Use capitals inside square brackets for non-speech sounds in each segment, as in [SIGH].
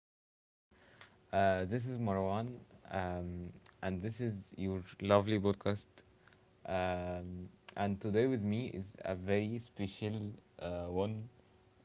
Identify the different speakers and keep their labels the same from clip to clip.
Speaker 1: podcast. This is Marwan, um, and this is your lovely podcast. Um, and today with me is a very special one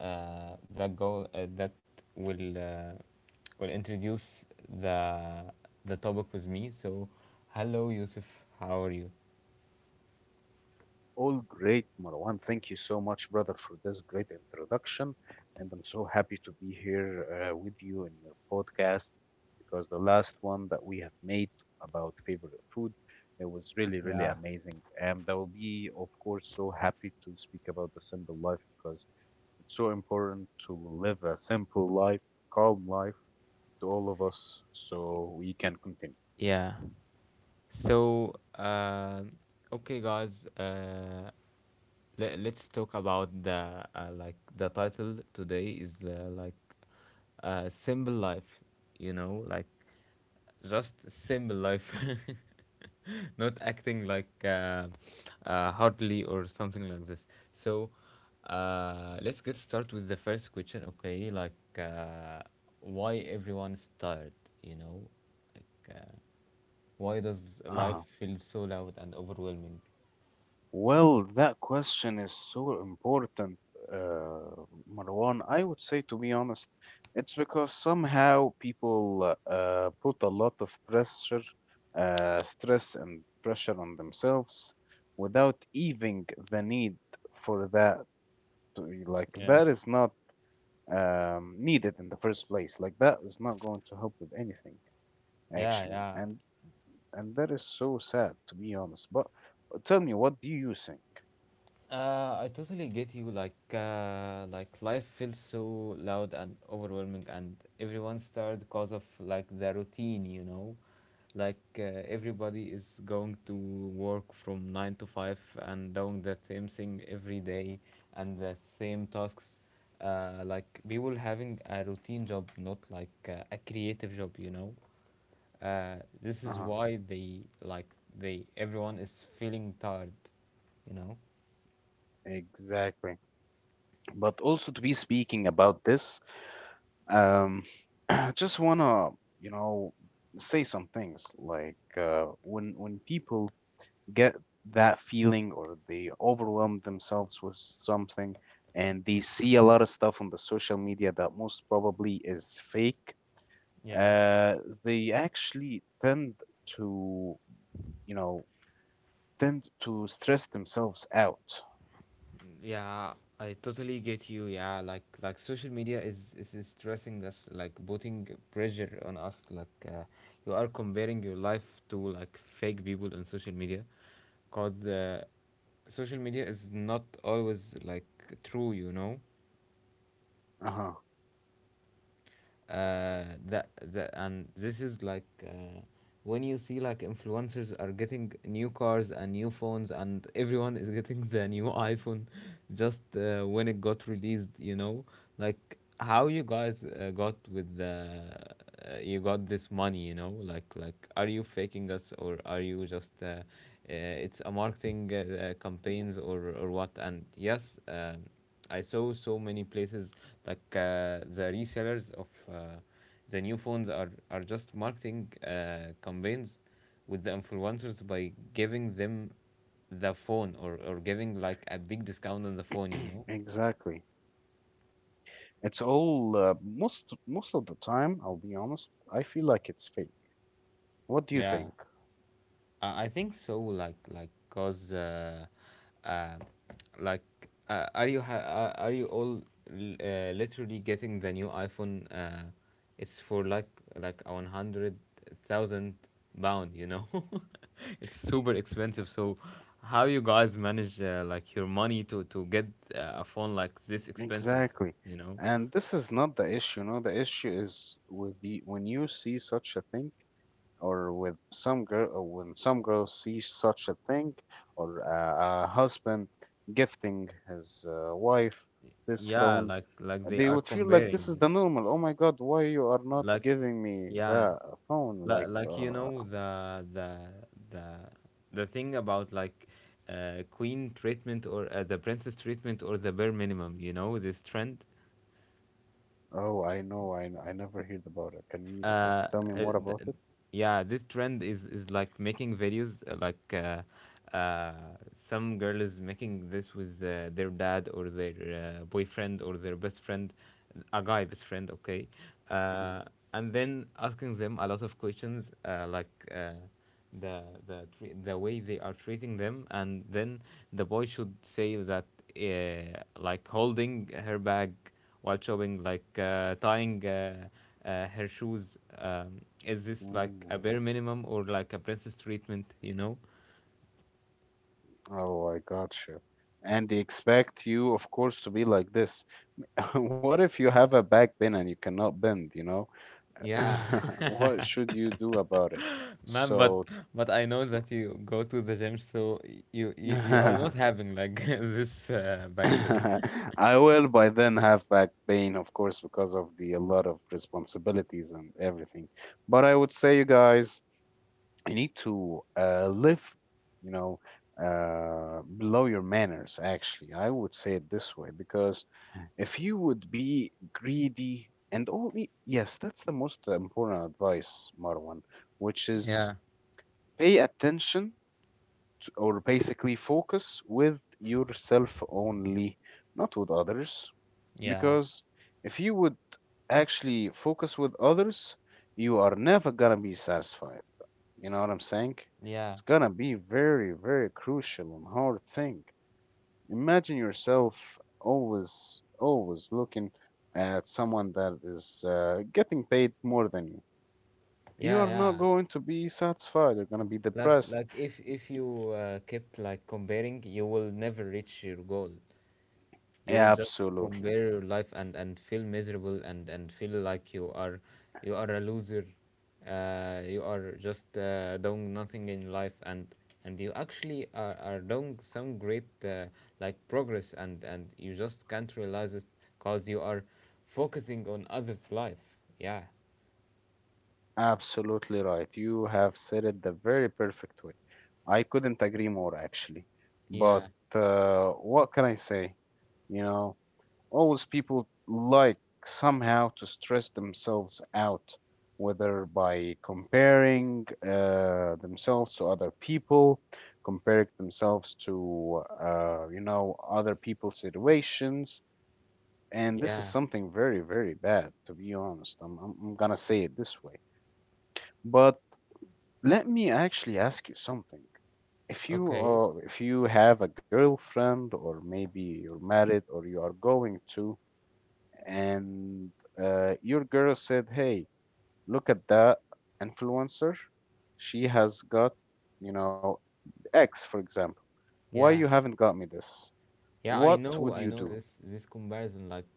Speaker 1: that will uh, will introduce the the topic with me. So, hello, Yusuf. How are you?
Speaker 2: All great, Marwan. Thank you so much, brother, for this great introduction. And I'm so happy to be here with you in your podcast because the last one that we have made about favorite food, it was really, really
Speaker 1: Yeah.
Speaker 2: amazing. And I will be, of course, so happy to speak about the simple life because it's so important to live a simple life, calm life to all of us so we can continue.
Speaker 1: Yeah. So, okay, guys. Let's talk about the like the title today is like simple life. You know, like just simple life, [LAUGHS] not acting like hardly or something like this. So, let's get started with the first question. Okay, like why everyone is tired? You know, like. Why does life
Speaker 2: Uh-huh.
Speaker 1: feel so loud and overwhelming?
Speaker 2: Well, that question is so important, uh, Marwan. I would say, to be honest, it's because somehow people put a lot of pressure, stress, and pressure on themselves without even the need for that. To be like,
Speaker 1: Yeah.
Speaker 2: that is not needed in the first place. Like, that is not going to help with anything,
Speaker 1: Yeah,
Speaker 2: actually.
Speaker 1: yeah.
Speaker 2: And that is so sad, to be honest. But tell me, what do you think?
Speaker 1: I totally get you. Like life feels so loud and overwhelming, and everyone's tired because of like the routine. You know, like everybody is going to work from 9 to 5 and doing the same thing every day and the same tasks. Like people having a routine job, not like a creative job. You know. Uh, this is
Speaker 2: Uh-huh.
Speaker 1: why they like, they everyone is feeling tired, you know.
Speaker 2: Exactly. But also to be speaking about this, um, [CLEARS THROAT] I just wanna, you know, say some things when people get that feeling or they overwhelm themselves with something and they see a lot of stuff on the social media that most probably is fake,
Speaker 1: Yeah.
Speaker 2: uh, they actually tend to, you know, tend to stress themselves out.
Speaker 1: Yeah, I totally get you. Yeah, like social media is stressing us, like putting pressure on us. Like you are comparing your life to like fake people on social media, cause social media is not always like true. You know,
Speaker 2: Uh-huh.
Speaker 1: that and this is like when you see like influencers are getting new cars and new phones, and everyone is getting the new [LAUGHS] iPhone just when it got released, you know, like how you guys got with the you got this money, you know, like are you faking us, or are you just it's a marketing
Speaker 2: [CLEARS THROAT]
Speaker 1: campaigns, or what? And yes, I saw so many places, like the resellers of uh, the new phones are just marketing campaigns with the influencers, by giving them the phone, or giving like a big discount on the phone, you know?
Speaker 2: Exactly. It's all most, most of the time, I'll be honest, I feel like it's fake. What do you
Speaker 1: Yeah.
Speaker 2: think?
Speaker 1: I think so. Like, cause, uh, like, are you all literally getting the new iPhone? It's for like, a 100,000 pound. You know, [LAUGHS] it's super expensive. So, how you guys manage like your money to get a phone like this expensive?
Speaker 2: Exactly.
Speaker 1: You know,
Speaker 2: And this is not the issue, no, the issue is with the when you see such a thing, or with some girl or when some girls see such a thing or a husband gifting his wife this
Speaker 1: yeah,
Speaker 2: phone.
Speaker 1: like they
Speaker 2: They
Speaker 1: are
Speaker 2: would feel like this is
Speaker 1: comparing,
Speaker 2: the normal. Oh my god, why you are not
Speaker 1: like.
Speaker 2: giving me
Speaker 1: Yeah.
Speaker 2: that phone
Speaker 1: Like, you know, the the thing about like queen treatment, or the princess treatment, or the bare minimum. You know, this trend.
Speaker 2: oh, I know, I never heard about it. Can you
Speaker 1: uh, uh,
Speaker 2: tell me more about
Speaker 1: th-
Speaker 2: it?
Speaker 1: yeah, this trend is, like making videos like uh, some girl is making this with their dad, or their boyfriend, or their best friend, a guy best friend. Okay.
Speaker 2: Mhm.
Speaker 1: uh, and then asking them a lot of questions, like the way they are treating them, and then the boy should say that like holding her bag while shopping, like tying her shoes. Is this like
Speaker 2: Mm.
Speaker 1: a bare minimum, or like a princess treatment? You know?
Speaker 2: Oh, I gotcha. And they expect you, of course, to be like this. [LAUGHS] What if you have a back bend and you cannot bend, you know? [LAUGHS]
Speaker 1: Yeah, [LAUGHS]
Speaker 2: What should you do about it?
Speaker 1: man. But
Speaker 2: So
Speaker 1: but I know that you go to the gym, so you
Speaker 2: [LAUGHS]
Speaker 1: you, you are not
Speaker 2: I
Speaker 1: having like [LAUGHS] this back pain. [LAUGHS]
Speaker 2: will by then have back pain, of course, because of the a lot of responsibilities and everything. But I would say, you guys, you need to live, you know, below your manners. Actually, I would say it this way because if you would be greedy and only yes, that's the most important advice, Marwan, which is
Speaker 1: Yeah,
Speaker 2: pay attention or basically focus with yourself only, not with others.
Speaker 1: yeah,
Speaker 2: Because if you would actually focus with others, you are never gonna be satisfied. You know what I'm saying?
Speaker 1: yeah,
Speaker 2: It's gonna be very, very crucial and hard thing. Imagine yourself always, always looking at someone that is getting paid more than you. You
Speaker 1: yeah,
Speaker 2: are not
Speaker 1: yeah.
Speaker 2: going to be satisfied. You're gonna be
Speaker 1: Like
Speaker 2: depressed.
Speaker 1: like if you kept like comparing, you will never reach your goal. You will just
Speaker 2: Absolutely.
Speaker 1: compare your life, and feel miserable, and feel like you are a loser. You are just doing nothing in life, and you actually are doing some great like progress, and you just can't realize it because you are focusing on others life. Yeah,
Speaker 2: Absolutely right. You have said it the very perfect way. I couldn't agree more, actually.
Speaker 1: yeah,
Speaker 2: But what can I say? You know, always people like somehow to stress themselves out, whether by comparing themselves to other people, comparing themselves to, you know, other people's situations. And this is
Speaker 1: yeah.
Speaker 2: something very, very bad, to be honest. I'm going to say it this way. But let me actually ask you something. If you
Speaker 1: Okay.
Speaker 2: are, if you have a girlfriend, or maybe you're married, or you are going to, and your girl said, "Hey, look at that influencer. She has got, you know, X, for example. Why you
Speaker 1: Yeah,
Speaker 2: haven't got me this?
Speaker 1: yeah, i
Speaker 2: What
Speaker 1: know
Speaker 2: would
Speaker 1: i
Speaker 2: you
Speaker 1: know
Speaker 2: do?"
Speaker 1: this comparison, like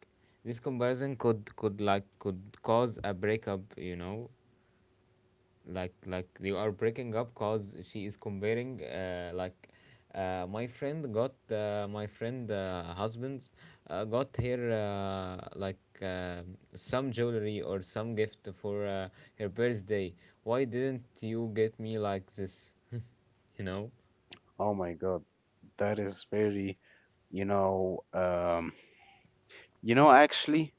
Speaker 1: this comparison could like could cause a breakup, you know. Like you are breaking up, cause she is comparing, like, my friend husband's got her like some jewelry or some gift for her birthday. Why didn't you get me like this? [LAUGHS] You know.
Speaker 2: Oh my God, that is very, you know, um, you know, actually,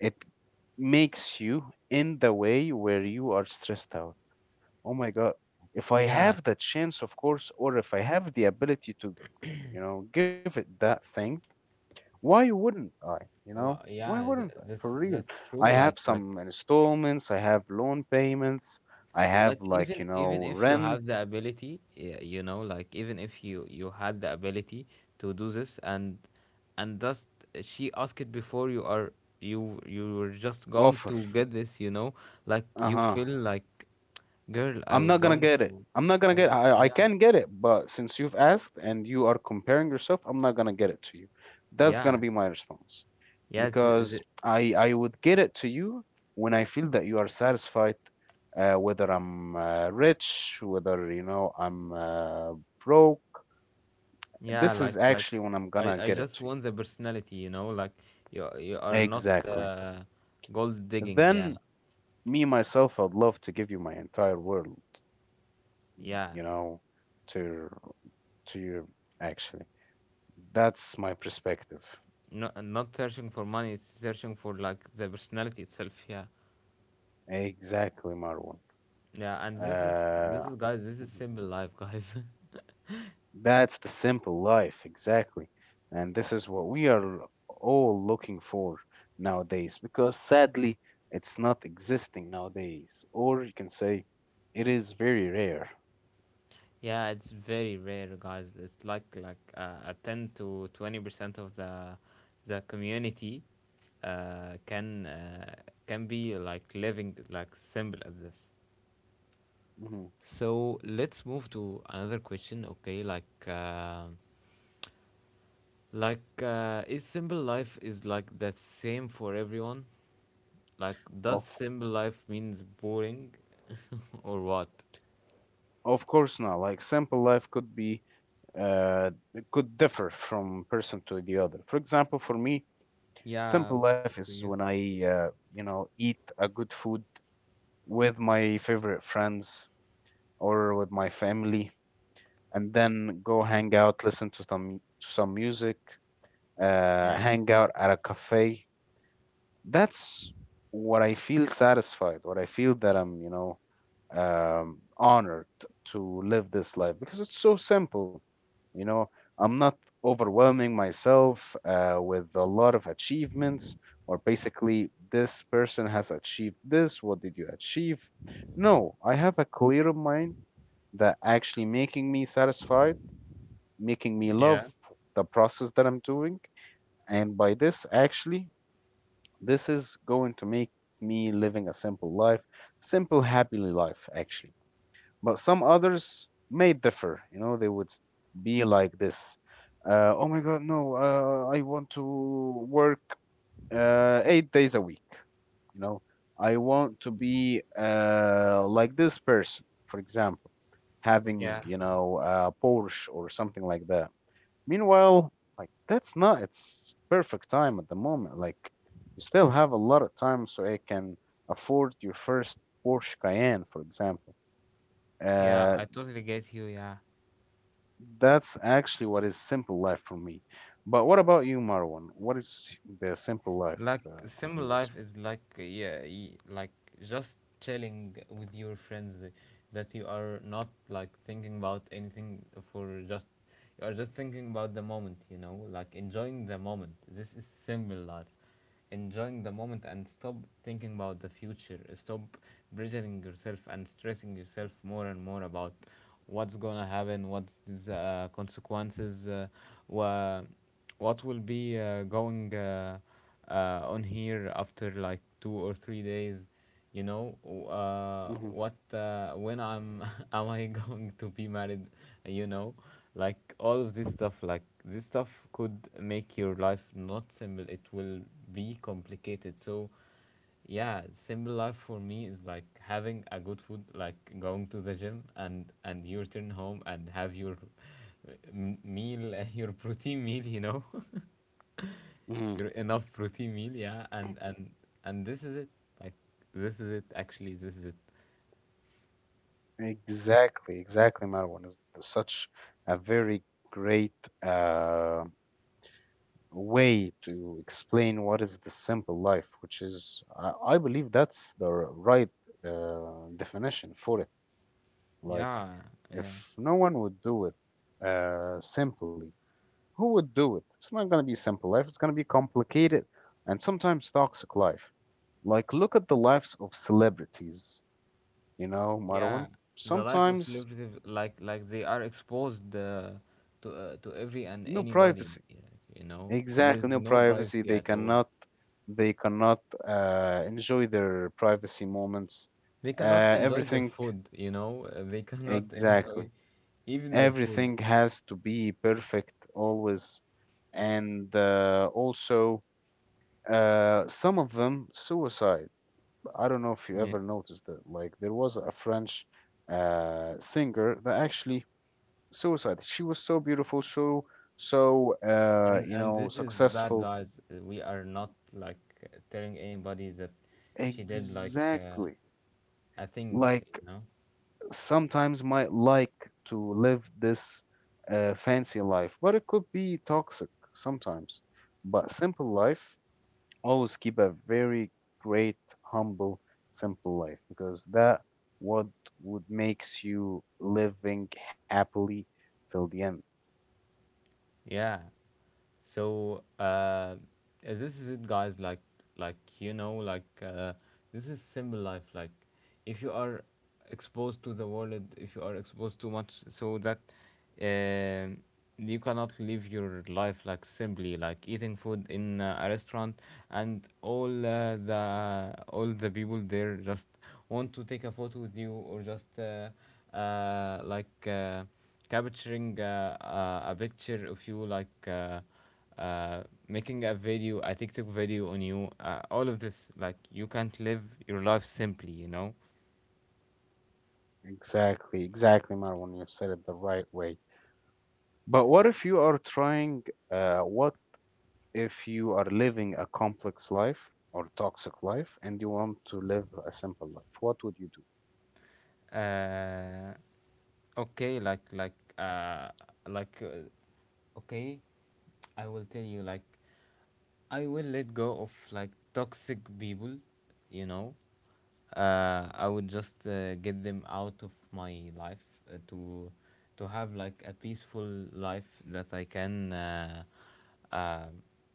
Speaker 2: it makes you in the way where you are stressed out. Oh my God. If I
Speaker 1: Yeah.
Speaker 2: have the chance, of course, or if I have the ability to, you know, give it that thing, why wouldn't I? You know,
Speaker 1: Well,
Speaker 2: why
Speaker 1: yeah,
Speaker 2: wouldn't I? For
Speaker 1: that's
Speaker 2: real.
Speaker 1: that's true,
Speaker 2: I have
Speaker 1: like,
Speaker 2: some installments, I have loan payments, I have like,
Speaker 1: even
Speaker 2: you
Speaker 1: even
Speaker 2: know,
Speaker 1: if you
Speaker 2: rent
Speaker 1: have the ability, you know, like even if you had the ability to do this, and just she asked before you are, you were just going
Speaker 2: offer.
Speaker 1: to get this, you know. Like
Speaker 2: Uh
Speaker 1: you
Speaker 2: huh.
Speaker 1: feel like, girl, I
Speaker 2: I'm
Speaker 1: was
Speaker 2: not gonna
Speaker 1: going
Speaker 2: get it.
Speaker 1: to.
Speaker 2: I'm not gonna
Speaker 1: I,
Speaker 2: get. I
Speaker 1: yeah,
Speaker 2: can get it, but since you've asked and you are comparing yourself, I'm not gonna get it to you. That's gonna
Speaker 1: yeah,
Speaker 2: be my response.
Speaker 1: yeah.
Speaker 2: Because I would get it to you when I feel that you are satisfied, whether I'm rich, whether you know I'm broke.
Speaker 1: Yeah,
Speaker 2: This
Speaker 1: like
Speaker 2: is
Speaker 1: like
Speaker 2: actually when I'm
Speaker 1: i
Speaker 2: gonna
Speaker 1: i
Speaker 2: get it
Speaker 1: just
Speaker 2: to you.
Speaker 1: want the personality, you know, like you are not
Speaker 2: Exactly.
Speaker 1: gold digging. Yeah,
Speaker 2: Then me myself, I'd love to give you my entire world.
Speaker 1: yeah,
Speaker 2: You know, to to you actually. That's my perspective.
Speaker 1: not searching for money, it's searching for like the personality itself. Yeah,
Speaker 2: Exactly, Marwan.
Speaker 1: yeah, and this
Speaker 2: Uh,
Speaker 1: is, guys, this is simple life, guys.
Speaker 2: That's the simple life, exactly. And this is what we are all looking for nowadays because sadly, it's not existing nowadays. Or you can say it is very rare.
Speaker 1: [LAUGHS] Yeah, it's very rare, guys. It's like a 10 to 20% of the community, uh, can uh, can be like living like simple as this.
Speaker 2: Mhm.
Speaker 1: So let's move to another question. Okay, like, like, is simple life is like the same for everyone? Like, does
Speaker 2: Of
Speaker 1: simple life means boring, [LAUGHS] or what?
Speaker 2: course not. Like simple life could be uh, it could differ from person to the other. For example, for me,
Speaker 1: Yeah,
Speaker 2: simple life is
Speaker 1: for
Speaker 2: when
Speaker 1: you.
Speaker 2: I you know, eat a good food with my favorite friends or with my family and then go hang out, listen to some music,
Speaker 1: Yeah,
Speaker 2: hang out at a cafe. That's what I feel satisfied. What I feel that I'm, you know, honored to live this life because it's so simple. You know, I'm not overwhelming myself with a lot of achievements or basically this person has achieved this. What did you achieve? No, I have a clear mind that actually making me satisfied, making me love
Speaker 1: yeah,
Speaker 2: the process that I'm doing. And by this, actually, this is going to make me living a simple life, simple, happy life, actually. But some others may differ. You know, be like this. Oh my God, no, I want to work 8 days a week. You know, I want to be like this person, for example,
Speaker 1: yeah,
Speaker 2: having, you know, a Porsche or something like that. Meanwhile, like that's not its perfect time at the moment. Like you still have a lot of time, so you can afford your first Porsche Cayenne, for example.
Speaker 1: yeah.
Speaker 2: Uh,
Speaker 1: I totally get you. Yeah,
Speaker 2: that's actually what is simple life for me. But what about you, Marwan? What is the simple life
Speaker 1: like simple
Speaker 2: from yours?
Speaker 1: life is like yeah, like just chilling with your friends that you are not like thinking about anything. For just, you are just thinking about the moment, you know, like enjoying the moment. This is simple life, enjoying the moment, and stop thinking about the future, stop pressuring yourself and stressing yourself more and more about what's gonna happen, what's the consequences, wha- what will be going on here after like 2 or 3 days, you know.
Speaker 2: Hmm.
Speaker 1: What When I'm, [LAUGHS] am I going to be married, you know? Like, all of this stuff, like this stuff could make your life not simple, it will be complicated. So, yeah, simple life for me is like having a good food, like going to the gym, and you return home and have your meal, [LAUGHS] your protein meal, you know. [LAUGHS]
Speaker 2: Hmm.
Speaker 1: You're enough protein meal, yeah, and this is it. Like this is it. Actually, this is it.
Speaker 2: Exactly, exactly, Marwan is such a very great uh, way to explain what is the simple life, which is, I believe that's the right definition for it. Like,
Speaker 1: Yeah, yeah,
Speaker 2: if no one would do it simply, who would do it? It's not going to be simple life, it's going to be complicated and sometimes toxic life. Like, look at the lives of celebrities, you know,
Speaker 1: yeah.
Speaker 2: Marwan.
Speaker 1: The life of
Speaker 2: Sometimes
Speaker 1: celebrities, like they are exposed to every and
Speaker 2: no
Speaker 1: anybody.
Speaker 2: privacy,
Speaker 1: Yeah, you know, there
Speaker 2: exactly,
Speaker 1: is
Speaker 2: no
Speaker 1: no
Speaker 2: privacy.
Speaker 1: privacy
Speaker 2: they
Speaker 1: at all.
Speaker 2: cannot they cannot enjoy their privacy moments.
Speaker 1: They cannot
Speaker 2: uh,
Speaker 1: enjoy their
Speaker 2: everything,
Speaker 1: food. You know, they cannot [LAUGHS]
Speaker 2: exactly,
Speaker 1: enjoy even their food.
Speaker 2: everything has to be perfect always. And also some of them suicide. I don't know if you
Speaker 1: Yeah.
Speaker 2: ever noticed that, like there was a french singer that actually suicide. She was so beautiful, so so
Speaker 1: And
Speaker 2: you
Speaker 1: and
Speaker 2: know,
Speaker 1: this is bad,
Speaker 2: successful,
Speaker 1: guys. We are not like telling anybody that she did like.
Speaker 2: exactly.
Speaker 1: I think,
Speaker 2: Like
Speaker 1: you know.
Speaker 2: sometimes might like to live this fancy life, but it could be toxic sometimes. But simple life, always keep a very great, humble, simple life, because that what would makes you living happily till the end.
Speaker 1: Yeah. So, this is it, guys. Like you know, like this is simple life. Like, if you are exposed to the world, if you are exposed too much, so that um you cannot live your life like simply, like eating food in a restaurant, and all the people there just want to take a photo with you, or just like capturing a picture of you, like making a video, a tiktok video on you, all of this, like you can't live your life simply, you know.
Speaker 2: Exactly, exactly, Marwan. You said it the right way. But what if you are trying? What if you are living a complex life or toxic life and you want to live a simple life, what would you do?
Speaker 1: uh, okay, like like okay, I will tell you, like I will let go of like toxic people, you know. I would just get them out of my life, uh, to to have like a peaceful life that I can uh,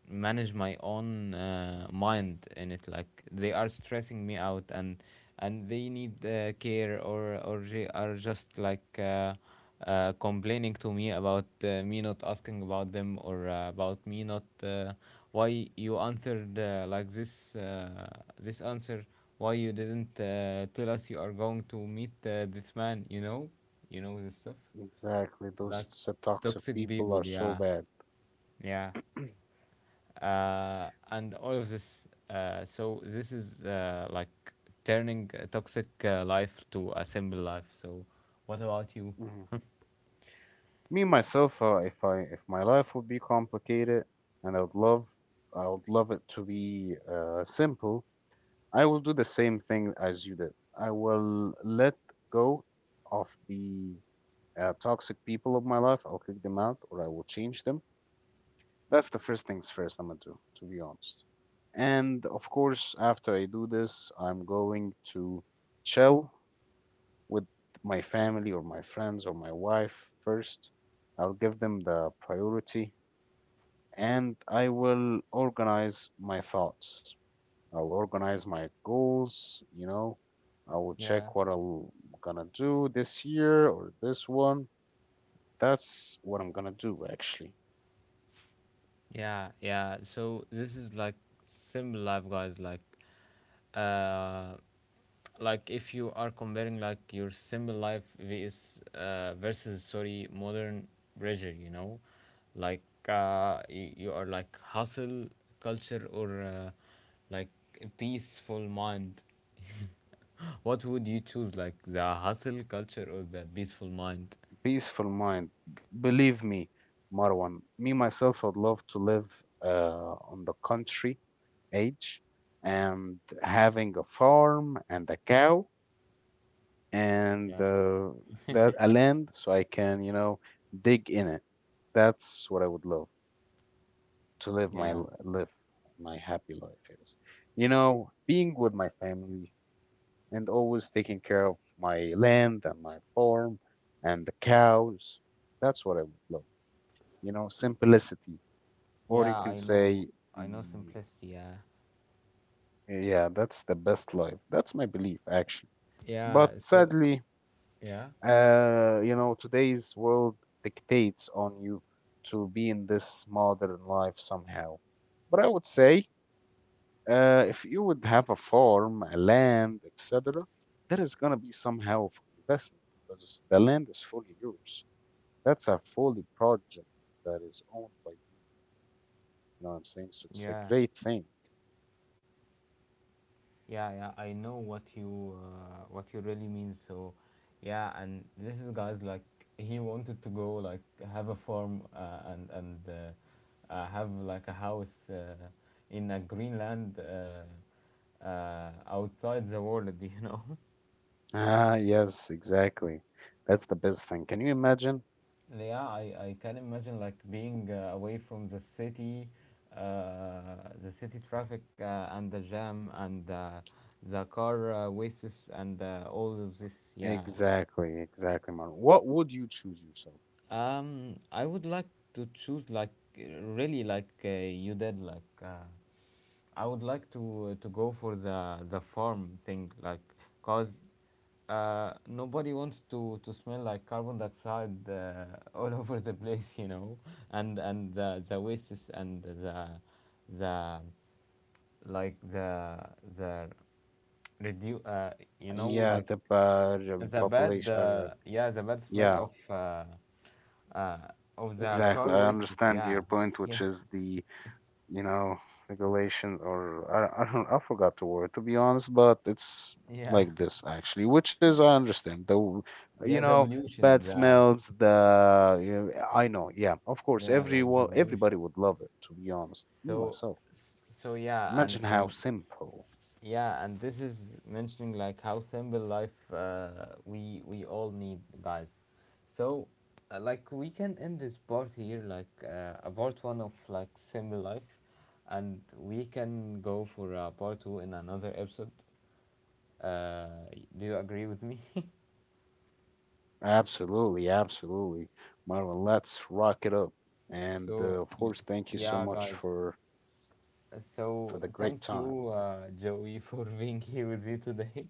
Speaker 1: manage my own mind in it. Like they are stressing me out, and they need care, or they are just like. Complaining to me about me not asking about them, or about me not why you answered like this, this answer, why you didn't tell us you are going to meet this man, you know, you know, this stuff.
Speaker 2: Exactly. Those
Speaker 1: Like
Speaker 2: toxic
Speaker 1: toxic
Speaker 2: people
Speaker 1: people,
Speaker 2: are so
Speaker 1: yeah,
Speaker 2: bad. [CLEARS THROAT]
Speaker 1: yeah. And all of this, so this is like turning a toxic life to a simple life. So what about you?
Speaker 2: Mhm. Me myself, if I, if my life would be complicated and I would love it to be simple, I will do the same thing as you did. I will let go of the toxic people of my life. I'll kick them out, or I will change them. That's the first things first I'm gonna do, to be honest. And of course, after I do this, I'm going to chill with my family or my friends or my wife first. I'll give them the priority and I will organize my thoughts. I'll organize my goals, you know. I will
Speaker 1: Yeah.
Speaker 2: check what I'm gonna do this year or this one. That's what I'm gonna do actually.
Speaker 1: Yeah, yeah. So this is like simple life, guys. Uh, like if you are comparing like your simple life vs versus, sorry, modern pressure, you know, like you are like hustle culture, or like a peaceful mind. What would you choose, like the hustle culture or the peaceful mind?
Speaker 2: Peaceful mind. Believe me, Marwan, me myself would love to live on the country age and having a farm and a cow and
Speaker 1: Yeah,
Speaker 2: that a land so I can, you know, dig in it. That's what I would love to live my
Speaker 1: yeah,
Speaker 2: live my happy life is. You know, being with my family and always taking care of my land and my farm and the cows. That's what I would love. You know, simplicity, or you
Speaker 1: yeah.
Speaker 2: can say
Speaker 1: I know
Speaker 2: the
Speaker 1: simplicity. Yeah,
Speaker 2: yeah, that's the best life. That's my belief actually. But
Speaker 1: yeah. So
Speaker 2: sadly,
Speaker 1: yeah.
Speaker 2: you know, today's world dictates on you to be in this modern life somehow. But I would say, if you would have a farm, a land, etc., there is gonna be somehow of investment because the land is fully yours. That's a fully project that is owned by you. You know what I'm saying? So it's a
Speaker 1: Yeah,
Speaker 2: great thing.
Speaker 1: yeah, yeah. I know what you really mean. So, yeah, and this is, guys, like he wanted to go, like have a farm, and have like a house in a Greenland, outside the world. [LAUGHS] You know.
Speaker 2: Ah, yes, exactly. That's the best thing. Can you imagine?
Speaker 1: Yeah, I can imagine, like being away from the city traffic and the jam, and. The car wastes, and all of this, yeah.
Speaker 2: Exactly, exactly, man. What would you choose yourself?
Speaker 1: I would like to choose, like really like you did, like I would like to go for the farm thing, like cause nobody wants to smell like carbon dioxide, [LAUGHS] all over the place, you know, and the wastes, and the like the redu- uh you know,
Speaker 2: Yeah,
Speaker 1: like
Speaker 2: the
Speaker 1: the
Speaker 2: population.
Speaker 1: bad
Speaker 2: uh,
Speaker 1: yeah, the bad smell
Speaker 2: Yeah,
Speaker 1: uh, of the
Speaker 2: exactly.
Speaker 1: car
Speaker 2: I
Speaker 1: wastes.
Speaker 2: understand
Speaker 1: Yeah,
Speaker 2: your point,
Speaker 1: [LAUGHS]
Speaker 2: which
Speaker 1: yeah,
Speaker 2: is the, you know, regulation or I don't, I forgot the word to be honest, but it's
Speaker 1: yeah,
Speaker 2: like this actually, which is I understand the, you
Speaker 1: yeah. The
Speaker 2: know,
Speaker 1: pollution,
Speaker 2: bad
Speaker 1: the,
Speaker 2: smells. The you know, I know, yeah, of course,
Speaker 1: yeah, like the
Speaker 2: everyone,
Speaker 1: pollution.
Speaker 2: everybody would love it. To be honest, me
Speaker 1: So,
Speaker 2: myself.
Speaker 1: yeah, and
Speaker 2: Imagine how
Speaker 1: and
Speaker 2: simple.
Speaker 1: yeah, and this is mentioning like how simple life we all need, guys. So, like we can end this part here, like a part one of like simple life, and we can go for part two in another episode. Uh, do you agree with me?
Speaker 2: Absolutely, absolutely. Marvin, let's rock it up. And
Speaker 1: So,
Speaker 2: of course, thank you so
Speaker 1: yeah,
Speaker 2: much
Speaker 1: guys.
Speaker 2: for
Speaker 1: So,
Speaker 2: the great
Speaker 1: thank
Speaker 2: time.
Speaker 1: you, Joey, [LAUGHS] for being here with me today.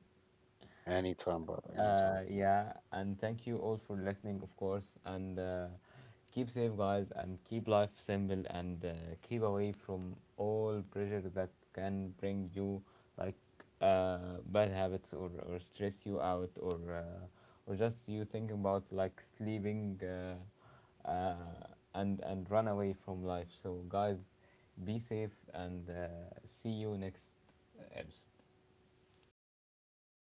Speaker 2: Anytime, brother. Anytime.
Speaker 1: Yeah, and thank you all for listening, of course. And keep safe, guys, and keep life simple, and keep away from all pressure that can bring you, like, bad habits, or stress you out, or just you thinking about like sleeping, and run away from life. So, guys, be safe, and see you next episode.